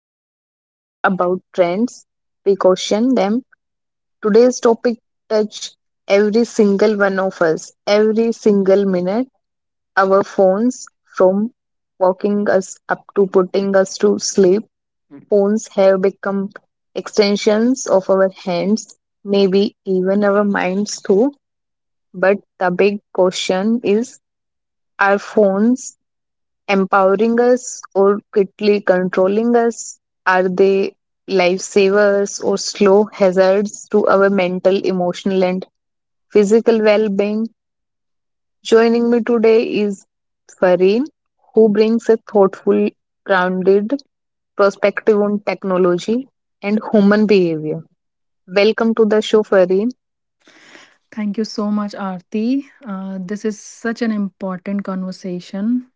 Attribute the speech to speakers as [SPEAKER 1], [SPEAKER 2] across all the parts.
[SPEAKER 1] don't just talk about trends, we caution them. Today's topic touch every single one of us, every single minute. Our phones, from waking us up to putting us to sleep, phones have become extensions of our hands, maybe even our minds too. But the big question is, are phones empowering us or quickly controlling us? Are they lifesavers or slow hazards to our mental, emotional, and physical well being? Joining me today is Fareen, who brings a thoughtful, grounded perspective on technology and human behavior. Welcome to the show, Fareen.
[SPEAKER 2] Thank you so much, Aarti. This is such an important conversation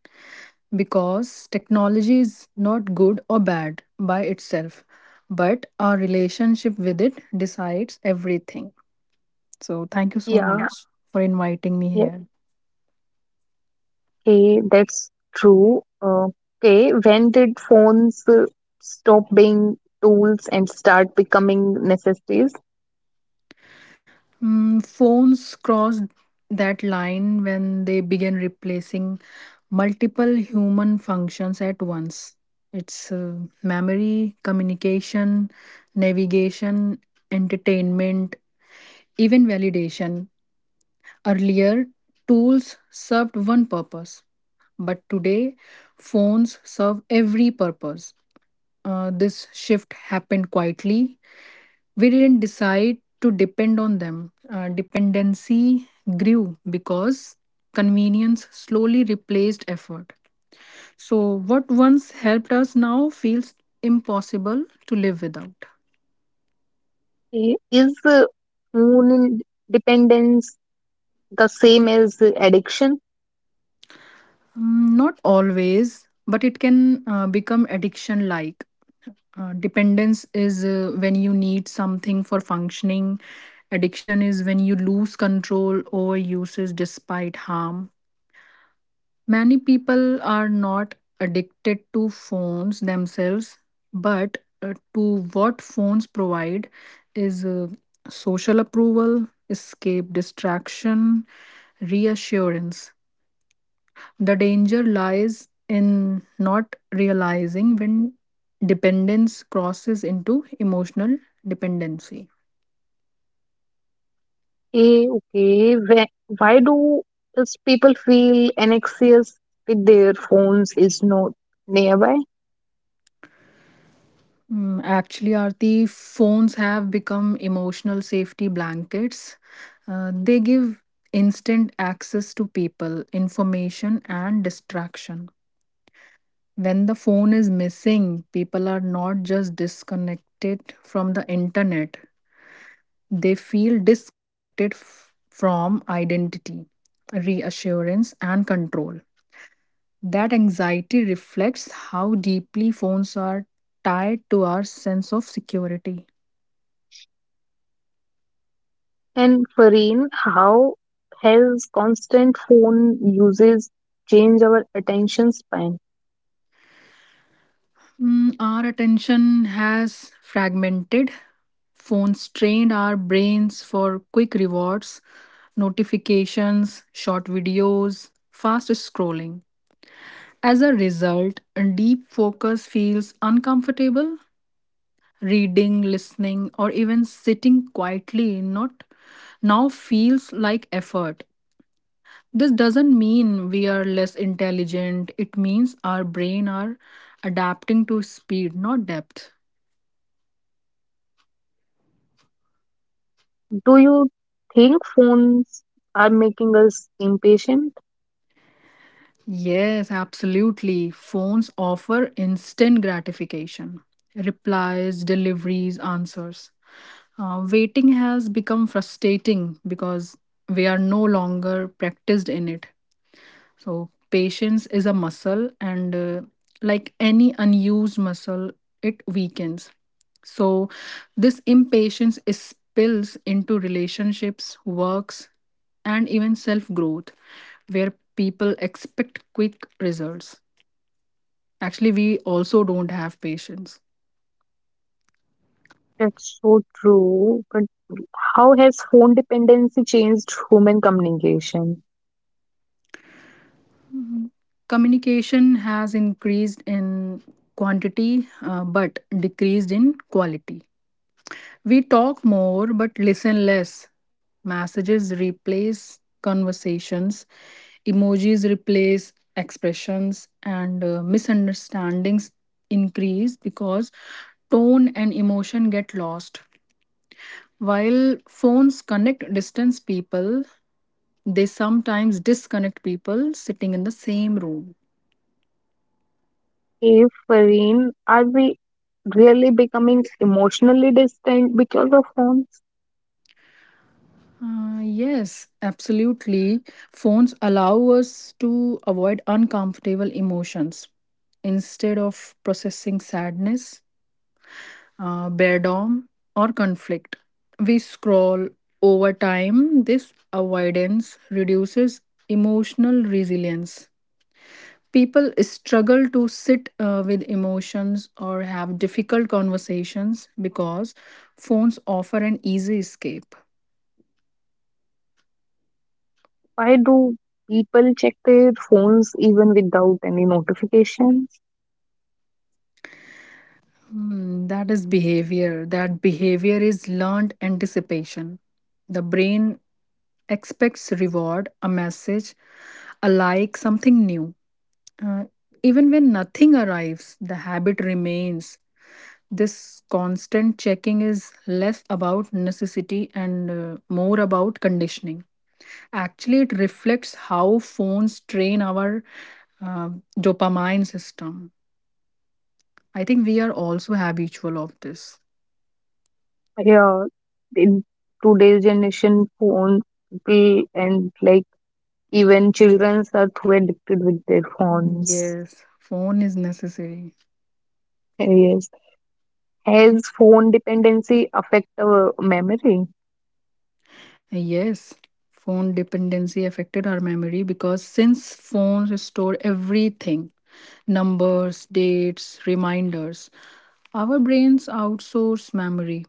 [SPEAKER 2] because technology is not good or bad by itself, but our relationship with it decides everything. So, thank you so, yeah,
[SPEAKER 1] Yeah,
[SPEAKER 2] much for inviting me here.
[SPEAKER 1] okay, that's true. Okay, when did phones stop being tools and start becoming necessities?
[SPEAKER 2] Phones crossed that line when they began replacing multiple human functions at once. It's memory, communication, navigation, entertainment, even validation. Earlier, tools served one purpose, but today, phones serve every purpose. This shift happened quietly. We didn't decide to depend on them. Dependency grew because convenience slowly replaced effort. So, what once helped us now feels impossible to live without.
[SPEAKER 1] Okay, is phone dependence the same as addiction?
[SPEAKER 2] Not always, but it can become addiction like. Dependence is when you need something for functioning. Addiction is when you lose control over uses despite harm. Many people are not addicted to phones themselves, but to what phones provide is social approval, escape distraction, reassurance. The danger lies in not realizing when dependence crosses into emotional dependency.
[SPEAKER 1] Okay, okay. Why do these people feel anxious with their phones is not nearby?
[SPEAKER 2] Actually, Aarti, phones have become emotional safety blankets. They give instant access to people, information, and distraction. When the phone is missing, people are not just disconnected from the internet, they feel disconnected from identity, reassurance, and control. That anxiety reflects how deeply phones are tied to our sense of security.
[SPEAKER 1] And Fareen, how has constant phone uses changed our attention span?
[SPEAKER 2] Our attention has fragmented. Phones trained our brains for quick rewards, notifications, short videos, fast scrolling. As a result, a deep focus feels uncomfortable. Reading, listening, or even sitting quietly not now feels like effort. This doesn't mean we are less intelligent. It means our brain are adapting to speed, not depth.
[SPEAKER 1] Do you think phones are making us impatient?
[SPEAKER 2] Yes, absolutely. Phones offer instant gratification replies, deliveries, answers. Waiting has become frustrating because we are no longer practiced in it. So, patience is a muscle, and like any unused muscle, it weakens. So, this impatience is spills into relationships, works, and even self growth, where people expect quick results. Actually, we also don't have patience.
[SPEAKER 1] That's so true. But how has phone dependency changed human communication?
[SPEAKER 2] Mhm. Communication has increased in quantity but decreased in quality. We talk more but listen less. Messages replace conversations, emojis replace expressions, and misunderstandings increase because tone and emotion get lost. While phones connect distance people, they sometimes disconnect people sitting in the same room.
[SPEAKER 1] If Fareen, are we really becoming emotionally distant because of phones?
[SPEAKER 2] Yes, absolutely. Phones allow us to avoid uncomfortable emotions instead of processing sadness, boredom, or conflict. We scroll over time. This avoidance reduces emotional resilience. People struggle to sit with emotions or have difficult conversations because phones offer an easy escape.
[SPEAKER 1] Why do people check their phones even without any notifications?
[SPEAKER 2] That is behavior. That behavior is learned anticipation. The brain expects reward, a message, a like, something new. Uh, Even when nothing arrives, the habit remains. This constant checking is less about necessity and more about conditioning. Actually, it reflects how phones train our uh, dopamine system. I think we are also habitual of this.
[SPEAKER 1] Yeah, in today's generation, phone people and like even children are too addicted with their phones.
[SPEAKER 2] Yes, phone is necessary.
[SPEAKER 1] Yes. Has phone dependency affect our memory?
[SPEAKER 2] Yes, phone dependency affected our memory because since phones store everything numbers, dates, reminders our brains outsource memory.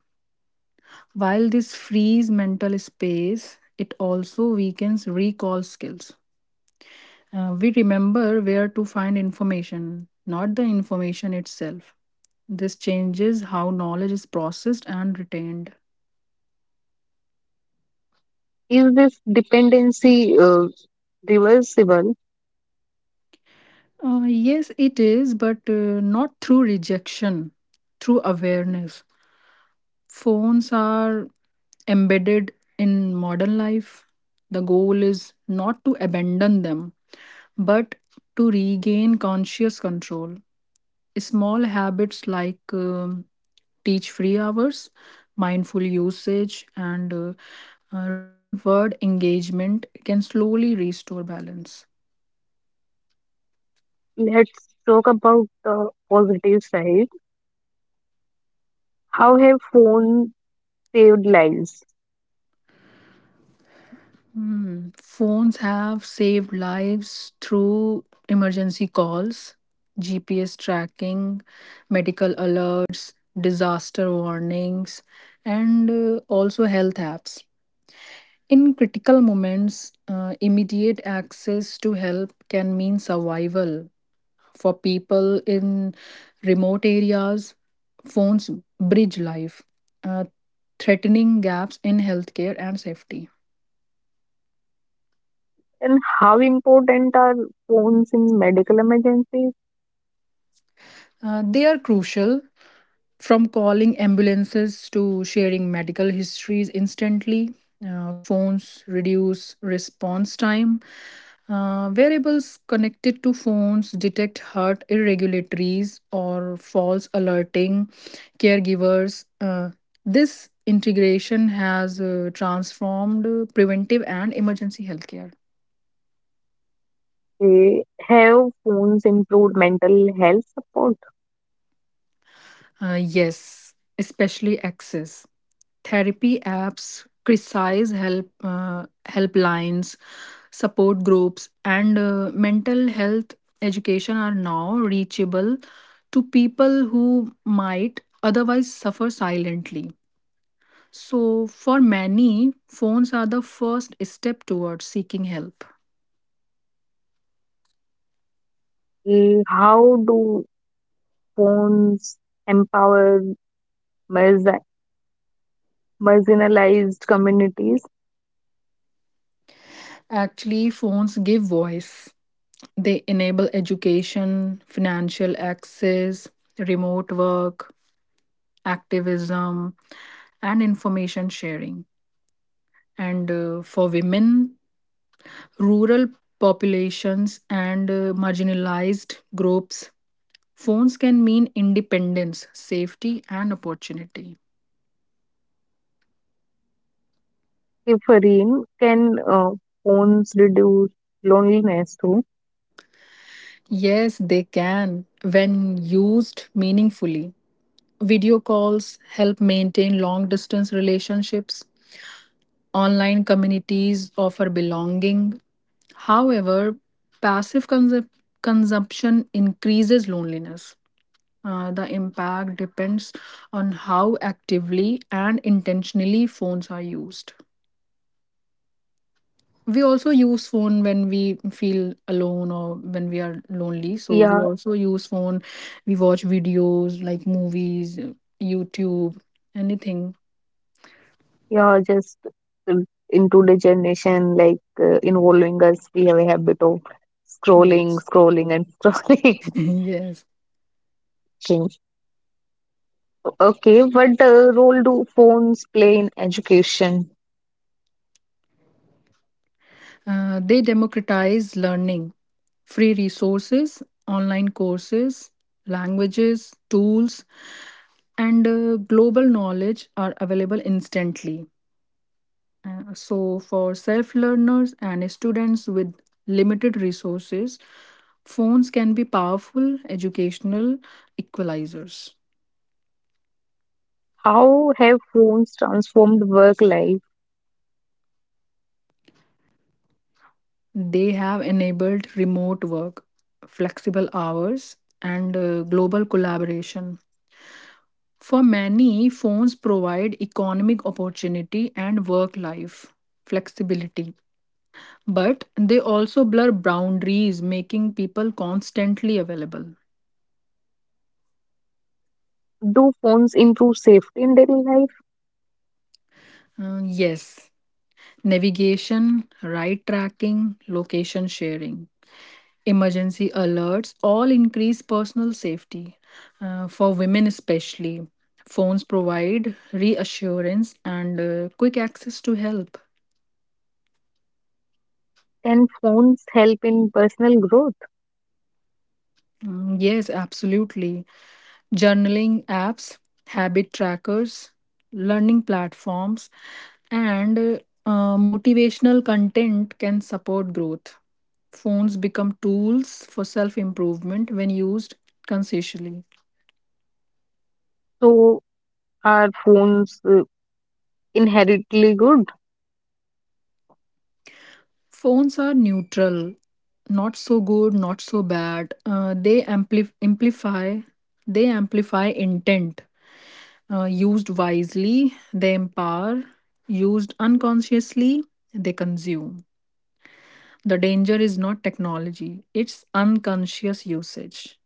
[SPEAKER 2] While this frees mental space, it also weakens recall skills. We remember where to find information, not the information itself. This changes how knowledge is processed and retained.
[SPEAKER 1] Is this dependency reversible?
[SPEAKER 2] Yes, it is, but not through rejection, through awareness. Phones are embedded in modern life. The goal is not to abandon them, but to regain conscious control. Small habits like teach free hours, mindful usage, and real world engagement can slowly restore balance.
[SPEAKER 1] Let's talk about the positive side. How have phones saved lives?
[SPEAKER 2] Phones have saved lives through emergency calls, GPS tracking, medical alerts, disaster warnings, and also health apps. In critical moments, immediate access to help can mean survival. For people in remote areas, phones bridge life, uh, threatening gaps in healthcare and safety.
[SPEAKER 1] And how important are phones in medical emergencies?
[SPEAKER 2] They are crucial. From calling ambulances to sharing medical histories instantly, phones reduce response time. Wearables connected to phones detect heart irregularities or false alerting caregivers. This integration has transformed preventive and emergency healthcare.
[SPEAKER 1] Have phones improved mental health support?
[SPEAKER 2] Yes, especially access. Therapy apps, precise help helplines, support groups, and mental health education are now reachable to people who might otherwise suffer silently. So, for many, phones are the first step towards seeking help.
[SPEAKER 1] How do phones empower marzi- marginalized communities?
[SPEAKER 2] Actually, phones give voice, they enable education, financial access, remote work, activism, and information sharing. And for women, rural populations and marginalized groups. Phones can mean independence, safety, and opportunity.
[SPEAKER 1] Differine can phones reduce loneliness too?
[SPEAKER 2] Yes, they can when used meaningfully. Video calls help maintain long distance relationships. Online communities offer belonging. However, passive consumption increases loneliness. The impact depends on how actively and intentionally phones are used. We also use phone when we feel alone or when we are lonely. So we
[SPEAKER 1] Yeah,
[SPEAKER 2] also use phone. We watch videos like movies, YouTube, anything.
[SPEAKER 1] yeah, just uh, in today's generation, like involving us, we have a habit of scrolling,
[SPEAKER 2] Yes.
[SPEAKER 1] scrolling, and scrolling.
[SPEAKER 2] Yes.
[SPEAKER 1] Things. Okay, what role do phones play in education?
[SPEAKER 2] They democratize learning, free resources, online courses, languages, tools, and global knowledge are available instantly. So, for self learners and students with limited resources, phones can be powerful educational equalizers.
[SPEAKER 1] How have phones transformed work life?
[SPEAKER 2] They have enabled remote work, flexible hours, and global collaboration. For many, phones provide economic opportunity and work life flexibility, but they also blur boundaries, making people constantly available.
[SPEAKER 1] Do phones improve safety in daily life?
[SPEAKER 2] Yes, navigation, ride tracking, location sharing, emergency alerts all increase personal safety. For women, especially, phones provide reassurance and quick access to help.
[SPEAKER 1] Can phones help in personal growth?
[SPEAKER 2] Mm, yes, absolutely. Journaling apps, habit trackers, learning platforms, and motivational content can support growth. Phones become tools for self improvement when used consciously.
[SPEAKER 1] So, are phones inherently good?
[SPEAKER 2] Phones are neutral, not so good, not so bad. They amplify intent. Used wisely, they empower. Used unconsciously, they consume. The danger is not technology, it's unconscious usage.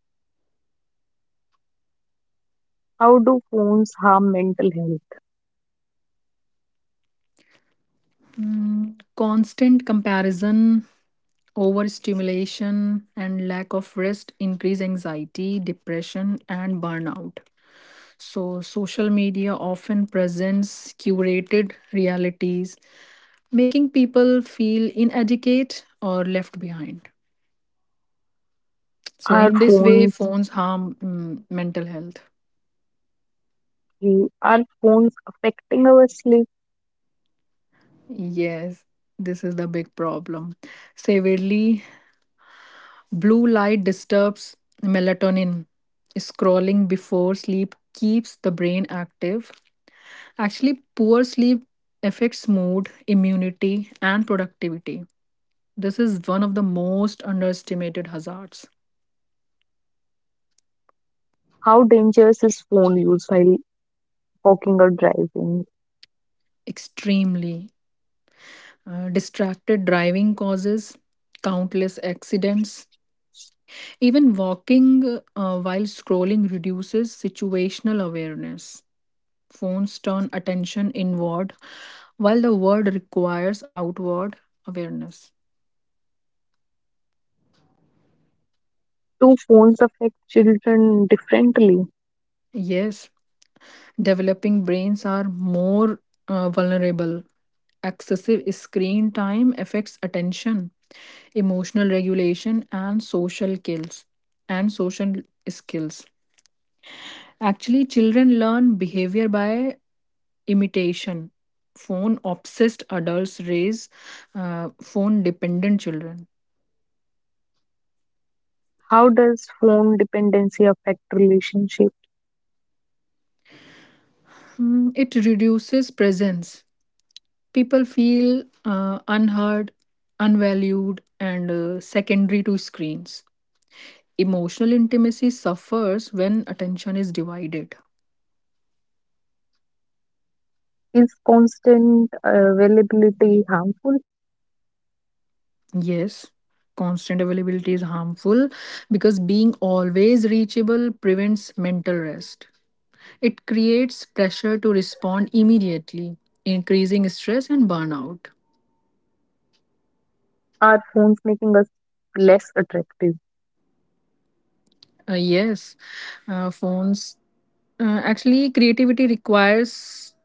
[SPEAKER 1] How do phones harm mental health?
[SPEAKER 2] Constant comparison, overstimulation, and lack of rest increase anxiety, depression, and burnout. So, social media often presents curated realities, making people feel inadequate or left behind. So,
[SPEAKER 1] Are
[SPEAKER 2] in this way,
[SPEAKER 1] phones
[SPEAKER 2] phones harm mental health.
[SPEAKER 1] are phones affecting our sleep?
[SPEAKER 2] Yes, this is the big problem. Severely, blue light disturbs melatonin. Scrolling before sleep keeps the brain active. Actually, poor sleep affects mood, immunity, and productivity. This is one of the most underestimated hazards.
[SPEAKER 1] How dangerous is phone use while walking or driving?
[SPEAKER 2] Extremely. Distracted driving causes countless accidents. Even walking while scrolling reduces situational awareness. Phones turn attention inward, while the world requires outward awareness.
[SPEAKER 1] Do phones affect children differently?
[SPEAKER 2] Yes, developing brains are more vulnerable. Excessive screen time affects attention, emotional regulation, and social skills. And social skills. Actually, children learn behavior by imitation. Phone obsessed adults raise phone dependent children.
[SPEAKER 1] How does phone dependency affect relationship?
[SPEAKER 2] It reduces presence. People feel unheard, unvalued, and secondary to screens. Emotional intimacy suffers when attention is divided.
[SPEAKER 1] Is constant availability harmful?
[SPEAKER 2] Yes, constant availability is harmful because being always reachable prevents mental rest. It creates pressure to respond immediately, increasing stress and burnout.
[SPEAKER 1] Are phones making us less attractive?
[SPEAKER 2] Yes, phones. Actually, creativity requires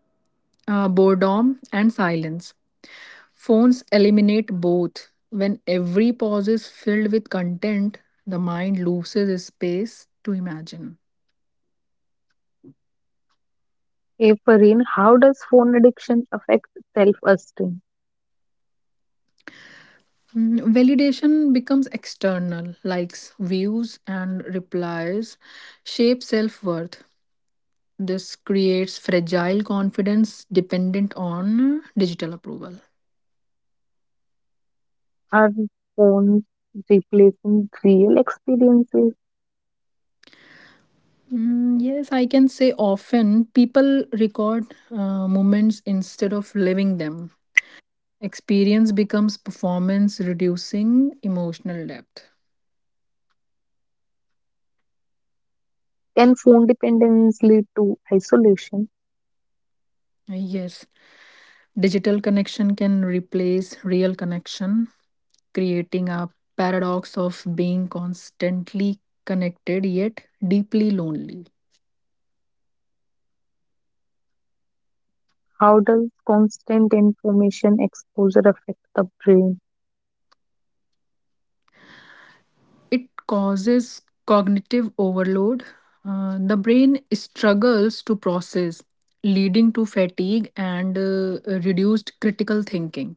[SPEAKER 2] boredom and silence. Phones eliminate both. When every pause is filled with content, the mind loses space to imagine.
[SPEAKER 1] If Fareen, how does phone addiction affect self-esteem?
[SPEAKER 2] Mm, validation becomes external, likes, views, and replies shape self worth. This creates fragile confidence dependent on digital approval.
[SPEAKER 1] Are phones replacing real experiences?
[SPEAKER 2] Mm, yes, I can say often people record moments instead of living them. Experience becomes performance, reducing emotional depth.
[SPEAKER 1] Can phone dependence lead to isolation?
[SPEAKER 2] Yes, digital connection can replace real connection, creating a paradox of being constantly connected yet deeply lonely.
[SPEAKER 1] How does constant information exposure affect the brain?
[SPEAKER 2] It causes cognitive overload. The brain struggles to process, leading to fatigue and reduced critical thinking.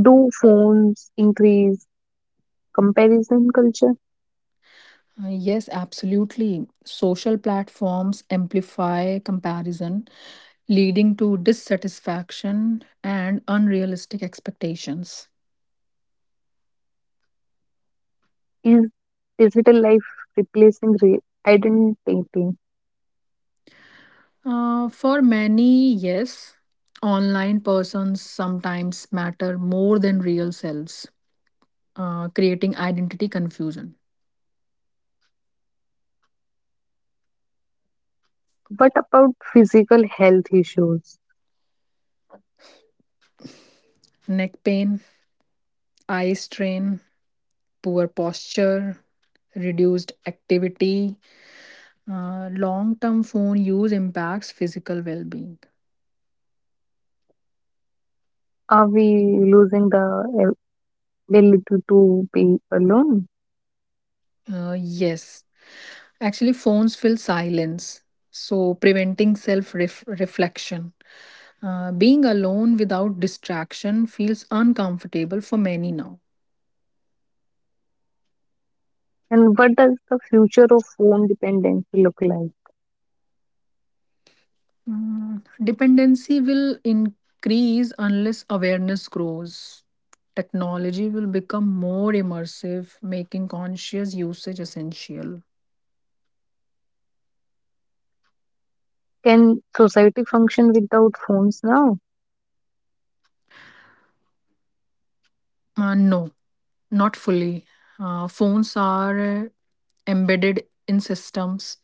[SPEAKER 1] Do phones increase comparison culture?
[SPEAKER 2] Yes, absolutely. Social platforms amplify comparison, leading to dissatisfaction and unrealistic expectations.
[SPEAKER 1] Is digital life replacing real identity?
[SPEAKER 2] For many, yes, online persons sometimes matter more than real selves, creating identity confusion.
[SPEAKER 1] What about physical health issues?
[SPEAKER 2] Neck pain, eye strain, poor posture, reduced activity. Long term phone use impacts physical well being.
[SPEAKER 1] Are we losing the ability to be alone?
[SPEAKER 2] Yes, actually, phones fill silence, so preventing self reflection. Being alone without distraction feels uncomfortable for many now.
[SPEAKER 1] And what does the future of phone dependency look like?
[SPEAKER 2] Dependency will increase unless awareness grows. Technology will become more immersive, making conscious usage essential.
[SPEAKER 1] Can society function without phones now?
[SPEAKER 2] No, not fully. Phones are embedded in systems.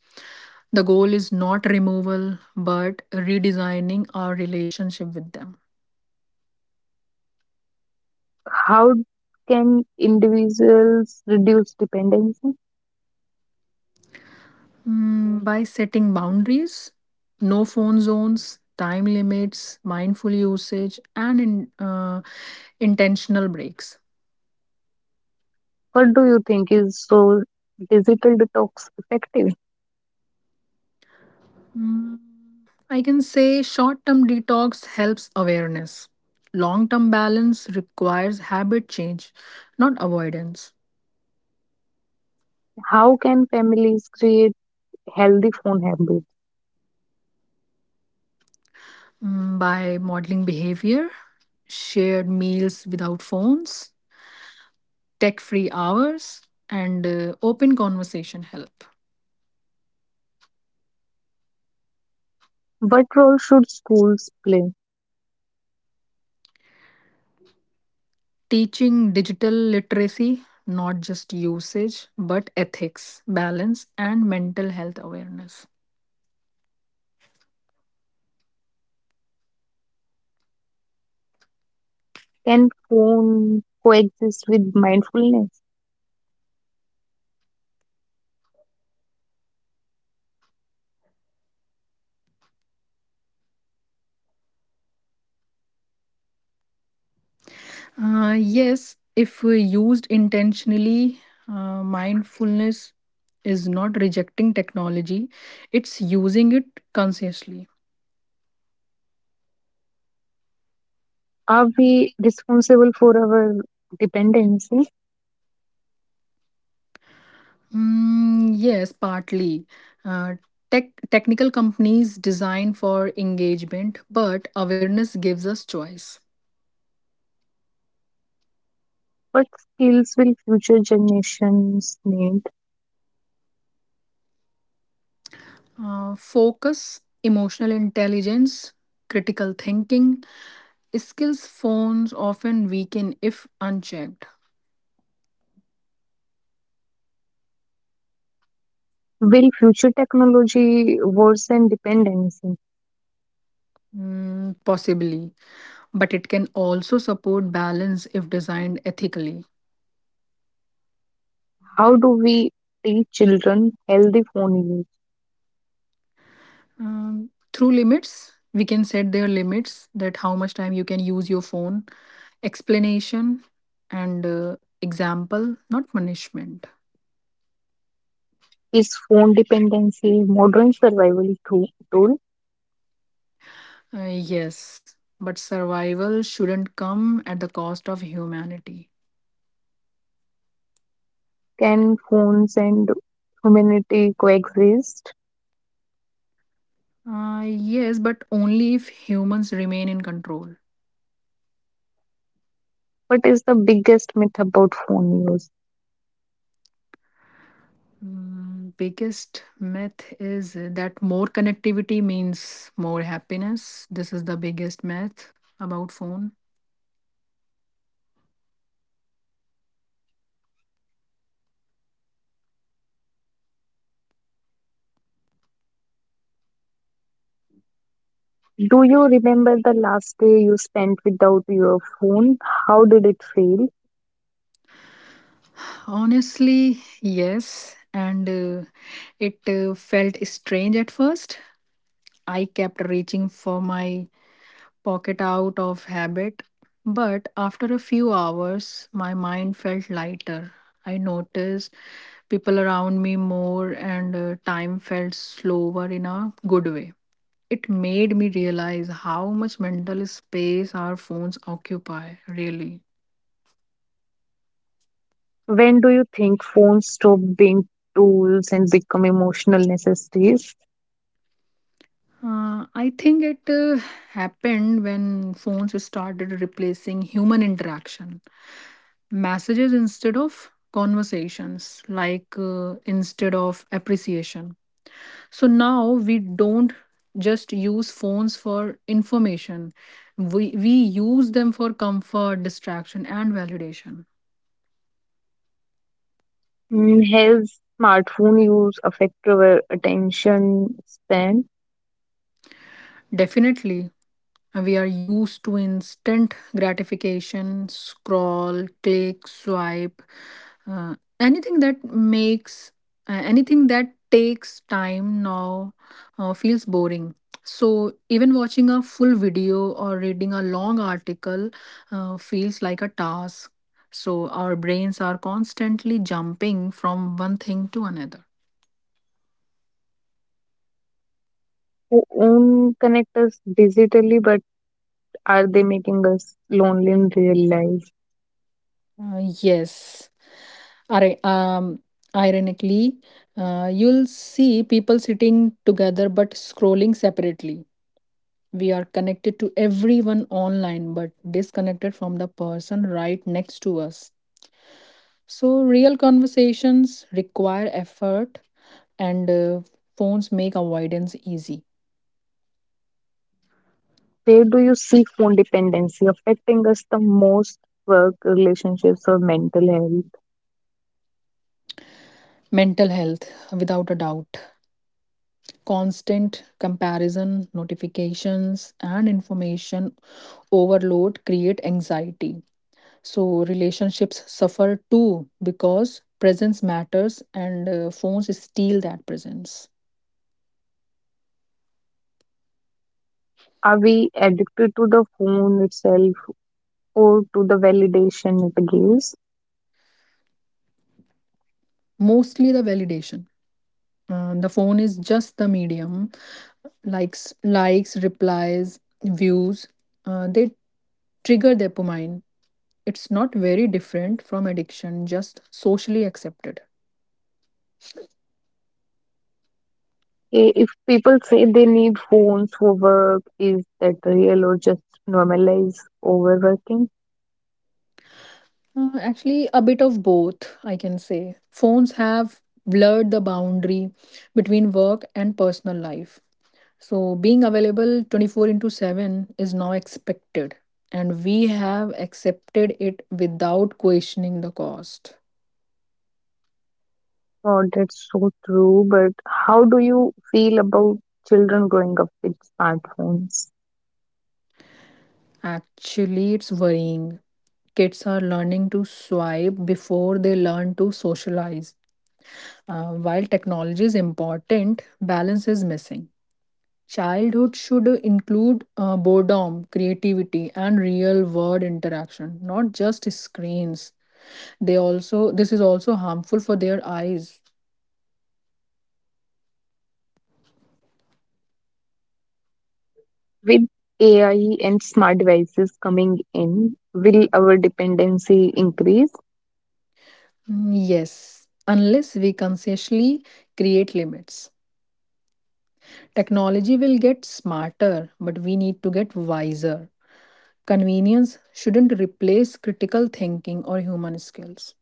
[SPEAKER 2] The goal is not removal, but redesigning our relationship with them.
[SPEAKER 1] How can individuals reduce dependency?
[SPEAKER 2] By setting boundaries, no phone zones, time limits, mindful usage, and intentional breaks.
[SPEAKER 1] What do you think is so digital detox effective?
[SPEAKER 2] Mm, I can say short term detox helps awareness. Long term balance requires habit change, not avoidance.
[SPEAKER 1] How can families create healthy phone habits?
[SPEAKER 2] By modeling behavior, shared meals without phones, tech free hours, and open conversation help.
[SPEAKER 1] What role should schools play?
[SPEAKER 2] Teaching digital literacy, not just usage, but ethics, balance, and mental health awareness.
[SPEAKER 1] Can phone coexist with mindfulness?
[SPEAKER 2] Yes, if used intentionally, mindfulness is not rejecting technology, it's using it consciously.
[SPEAKER 1] Are we responsible for our dependency?
[SPEAKER 2] Yes, partly. Uh, technical companies design for engagement, but awareness gives us choice.
[SPEAKER 1] What skills will future generations need?
[SPEAKER 2] Focus, emotional intelligence, critical thinking, skills phones often weaken if unchecked.
[SPEAKER 1] Will future technology worsen dependency?
[SPEAKER 2] Possibly but it can also support balance if designed ethically.
[SPEAKER 1] How do we teach children healthy phone use?
[SPEAKER 2] Through limits, we can set their limits that how much time you can use your phone, explanation, and example, not punishment.
[SPEAKER 1] Is phone dependency a modern survival tool?
[SPEAKER 2] Yes, but survival shouldn't come at the cost of humanity.
[SPEAKER 1] Can phones and humanity coexist?
[SPEAKER 2] Yes, but only if humans remain in control.
[SPEAKER 1] What is the biggest myth about phone use?
[SPEAKER 2] Biggest myth is that more connectivity means more happiness. This is the biggest myth about phone.
[SPEAKER 1] Do you remember the last day you spent without your phone? How did it feel?
[SPEAKER 2] Honestly, yes, and it felt strange at first. I kept reaching for my pocket out of habit, but after a few hours, my mind felt lighter. I noticed people around me more, and time felt slower in a good way. It made me realize how much mental space our phones occupy, really.
[SPEAKER 1] When do you think phones stop being tools and become emotional necessities?
[SPEAKER 2] I think it happened when phones started replacing human interaction, messages instead of conversations, like instead of appreciation. So now we don't just use phones for information, we use them for comfort, distraction, and validation.
[SPEAKER 1] Mm, his smartphone use affect our attention span.
[SPEAKER 2] Definitely, we are used to instant gratification, scroll, click, swipe, uh, anything that makes anything that takes time now feels boring. So even watching a full video or reading a long article feels like a task. So our brains are constantly jumping from one thing to another.
[SPEAKER 1] Who own connect us digitally, but are they making us lonely in real life?
[SPEAKER 2] Yes. Ari- um, Ironically, you'll see people sitting together but scrolling separately. We are connected to everyone online but disconnected from the person right next to us. So, real conversations require effort, and phones make avoidance easy.
[SPEAKER 1] Where do you see phone dependency affecting us the most? Work, relationships, or mental health?
[SPEAKER 2] Mental health, without a doubt. Constant comparison, notifications, and information overload create anxiety so relationships suffer too because presence matters and phones steal that presence.
[SPEAKER 1] Are we addicted to the phone itself or to the validation it gives?
[SPEAKER 2] Mostly the validation. The phone is just the medium, likes, replies, views, they trigger dopamine. It's not very different from addiction, just socially accepted.
[SPEAKER 1] If people say they need phones for work, is that real or just normalized overworking?
[SPEAKER 2] Actually a bit of both, I can say. Phones have blurred the boundary between work and personal life. So, being available 24 into 7 is now expected, and we have accepted it without questioning the cost.
[SPEAKER 1] Oh, that's so true. But how do you feel about children growing up with smartphones?
[SPEAKER 2] Actually, it's worrying. Kids are learning to swipe before they learn to socialize. While technology is important, balance is missing. Childhood should include boredom, creativity, and real world interaction, not just screens. They also This is also harmful for their eyes.
[SPEAKER 1] With AI and smart devices coming in, will our dependency increase?
[SPEAKER 2] Mm, yes, unless we consciously create limits. Technology will get smarter, but we need to get wiser. Convenience shouldn't replace critical thinking or human skills.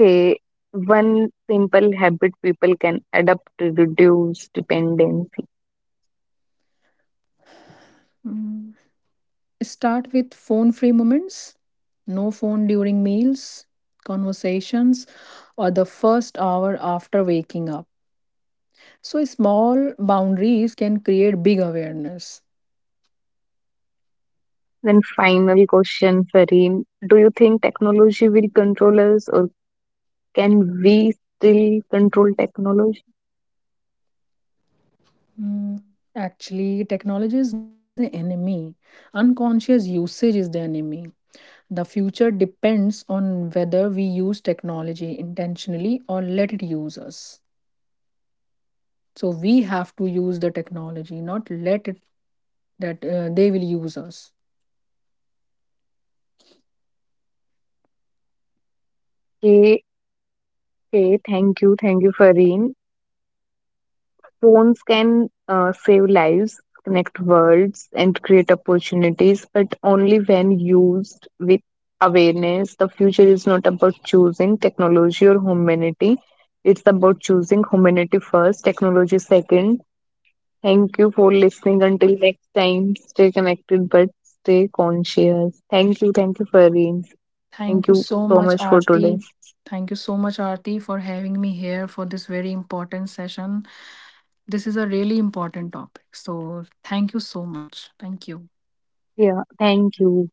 [SPEAKER 1] Okay, one simple habit people can adopt to reduce dependency.
[SPEAKER 2] Mm, Start with phone free moments, no phone during meals, conversations, or the first hour after waking up. So, small boundaries can create big awareness.
[SPEAKER 1] Then, final question, Fareen. Do you think technology will control us or can we still control technology?
[SPEAKER 2] Mm, Actually, technology is not the enemy. Unconscious usage is the enemy. The future depends on whether we use technology intentionally or let it use us. So we have to use the technology, not let it that they will use us.
[SPEAKER 1] Okay, okay, thank you, Fareen. Phones can save lives, connect worlds, and create opportunities, but only when used with awareness. The future is not about choosing technology or humanity, it's about choosing humanity first, technology second. Thank you for listening. Until next time, stay connected but stay conscious. Thank you. Thank you, Farin. Thank
[SPEAKER 2] Thank you
[SPEAKER 1] you
[SPEAKER 2] so
[SPEAKER 1] so
[SPEAKER 2] much,
[SPEAKER 1] much for today.
[SPEAKER 2] Aarti. Thank you so much, Aarti, for having me here for this very important session. This is a really important topic. So thank you so much. Thank you.
[SPEAKER 1] Yeah, thank you.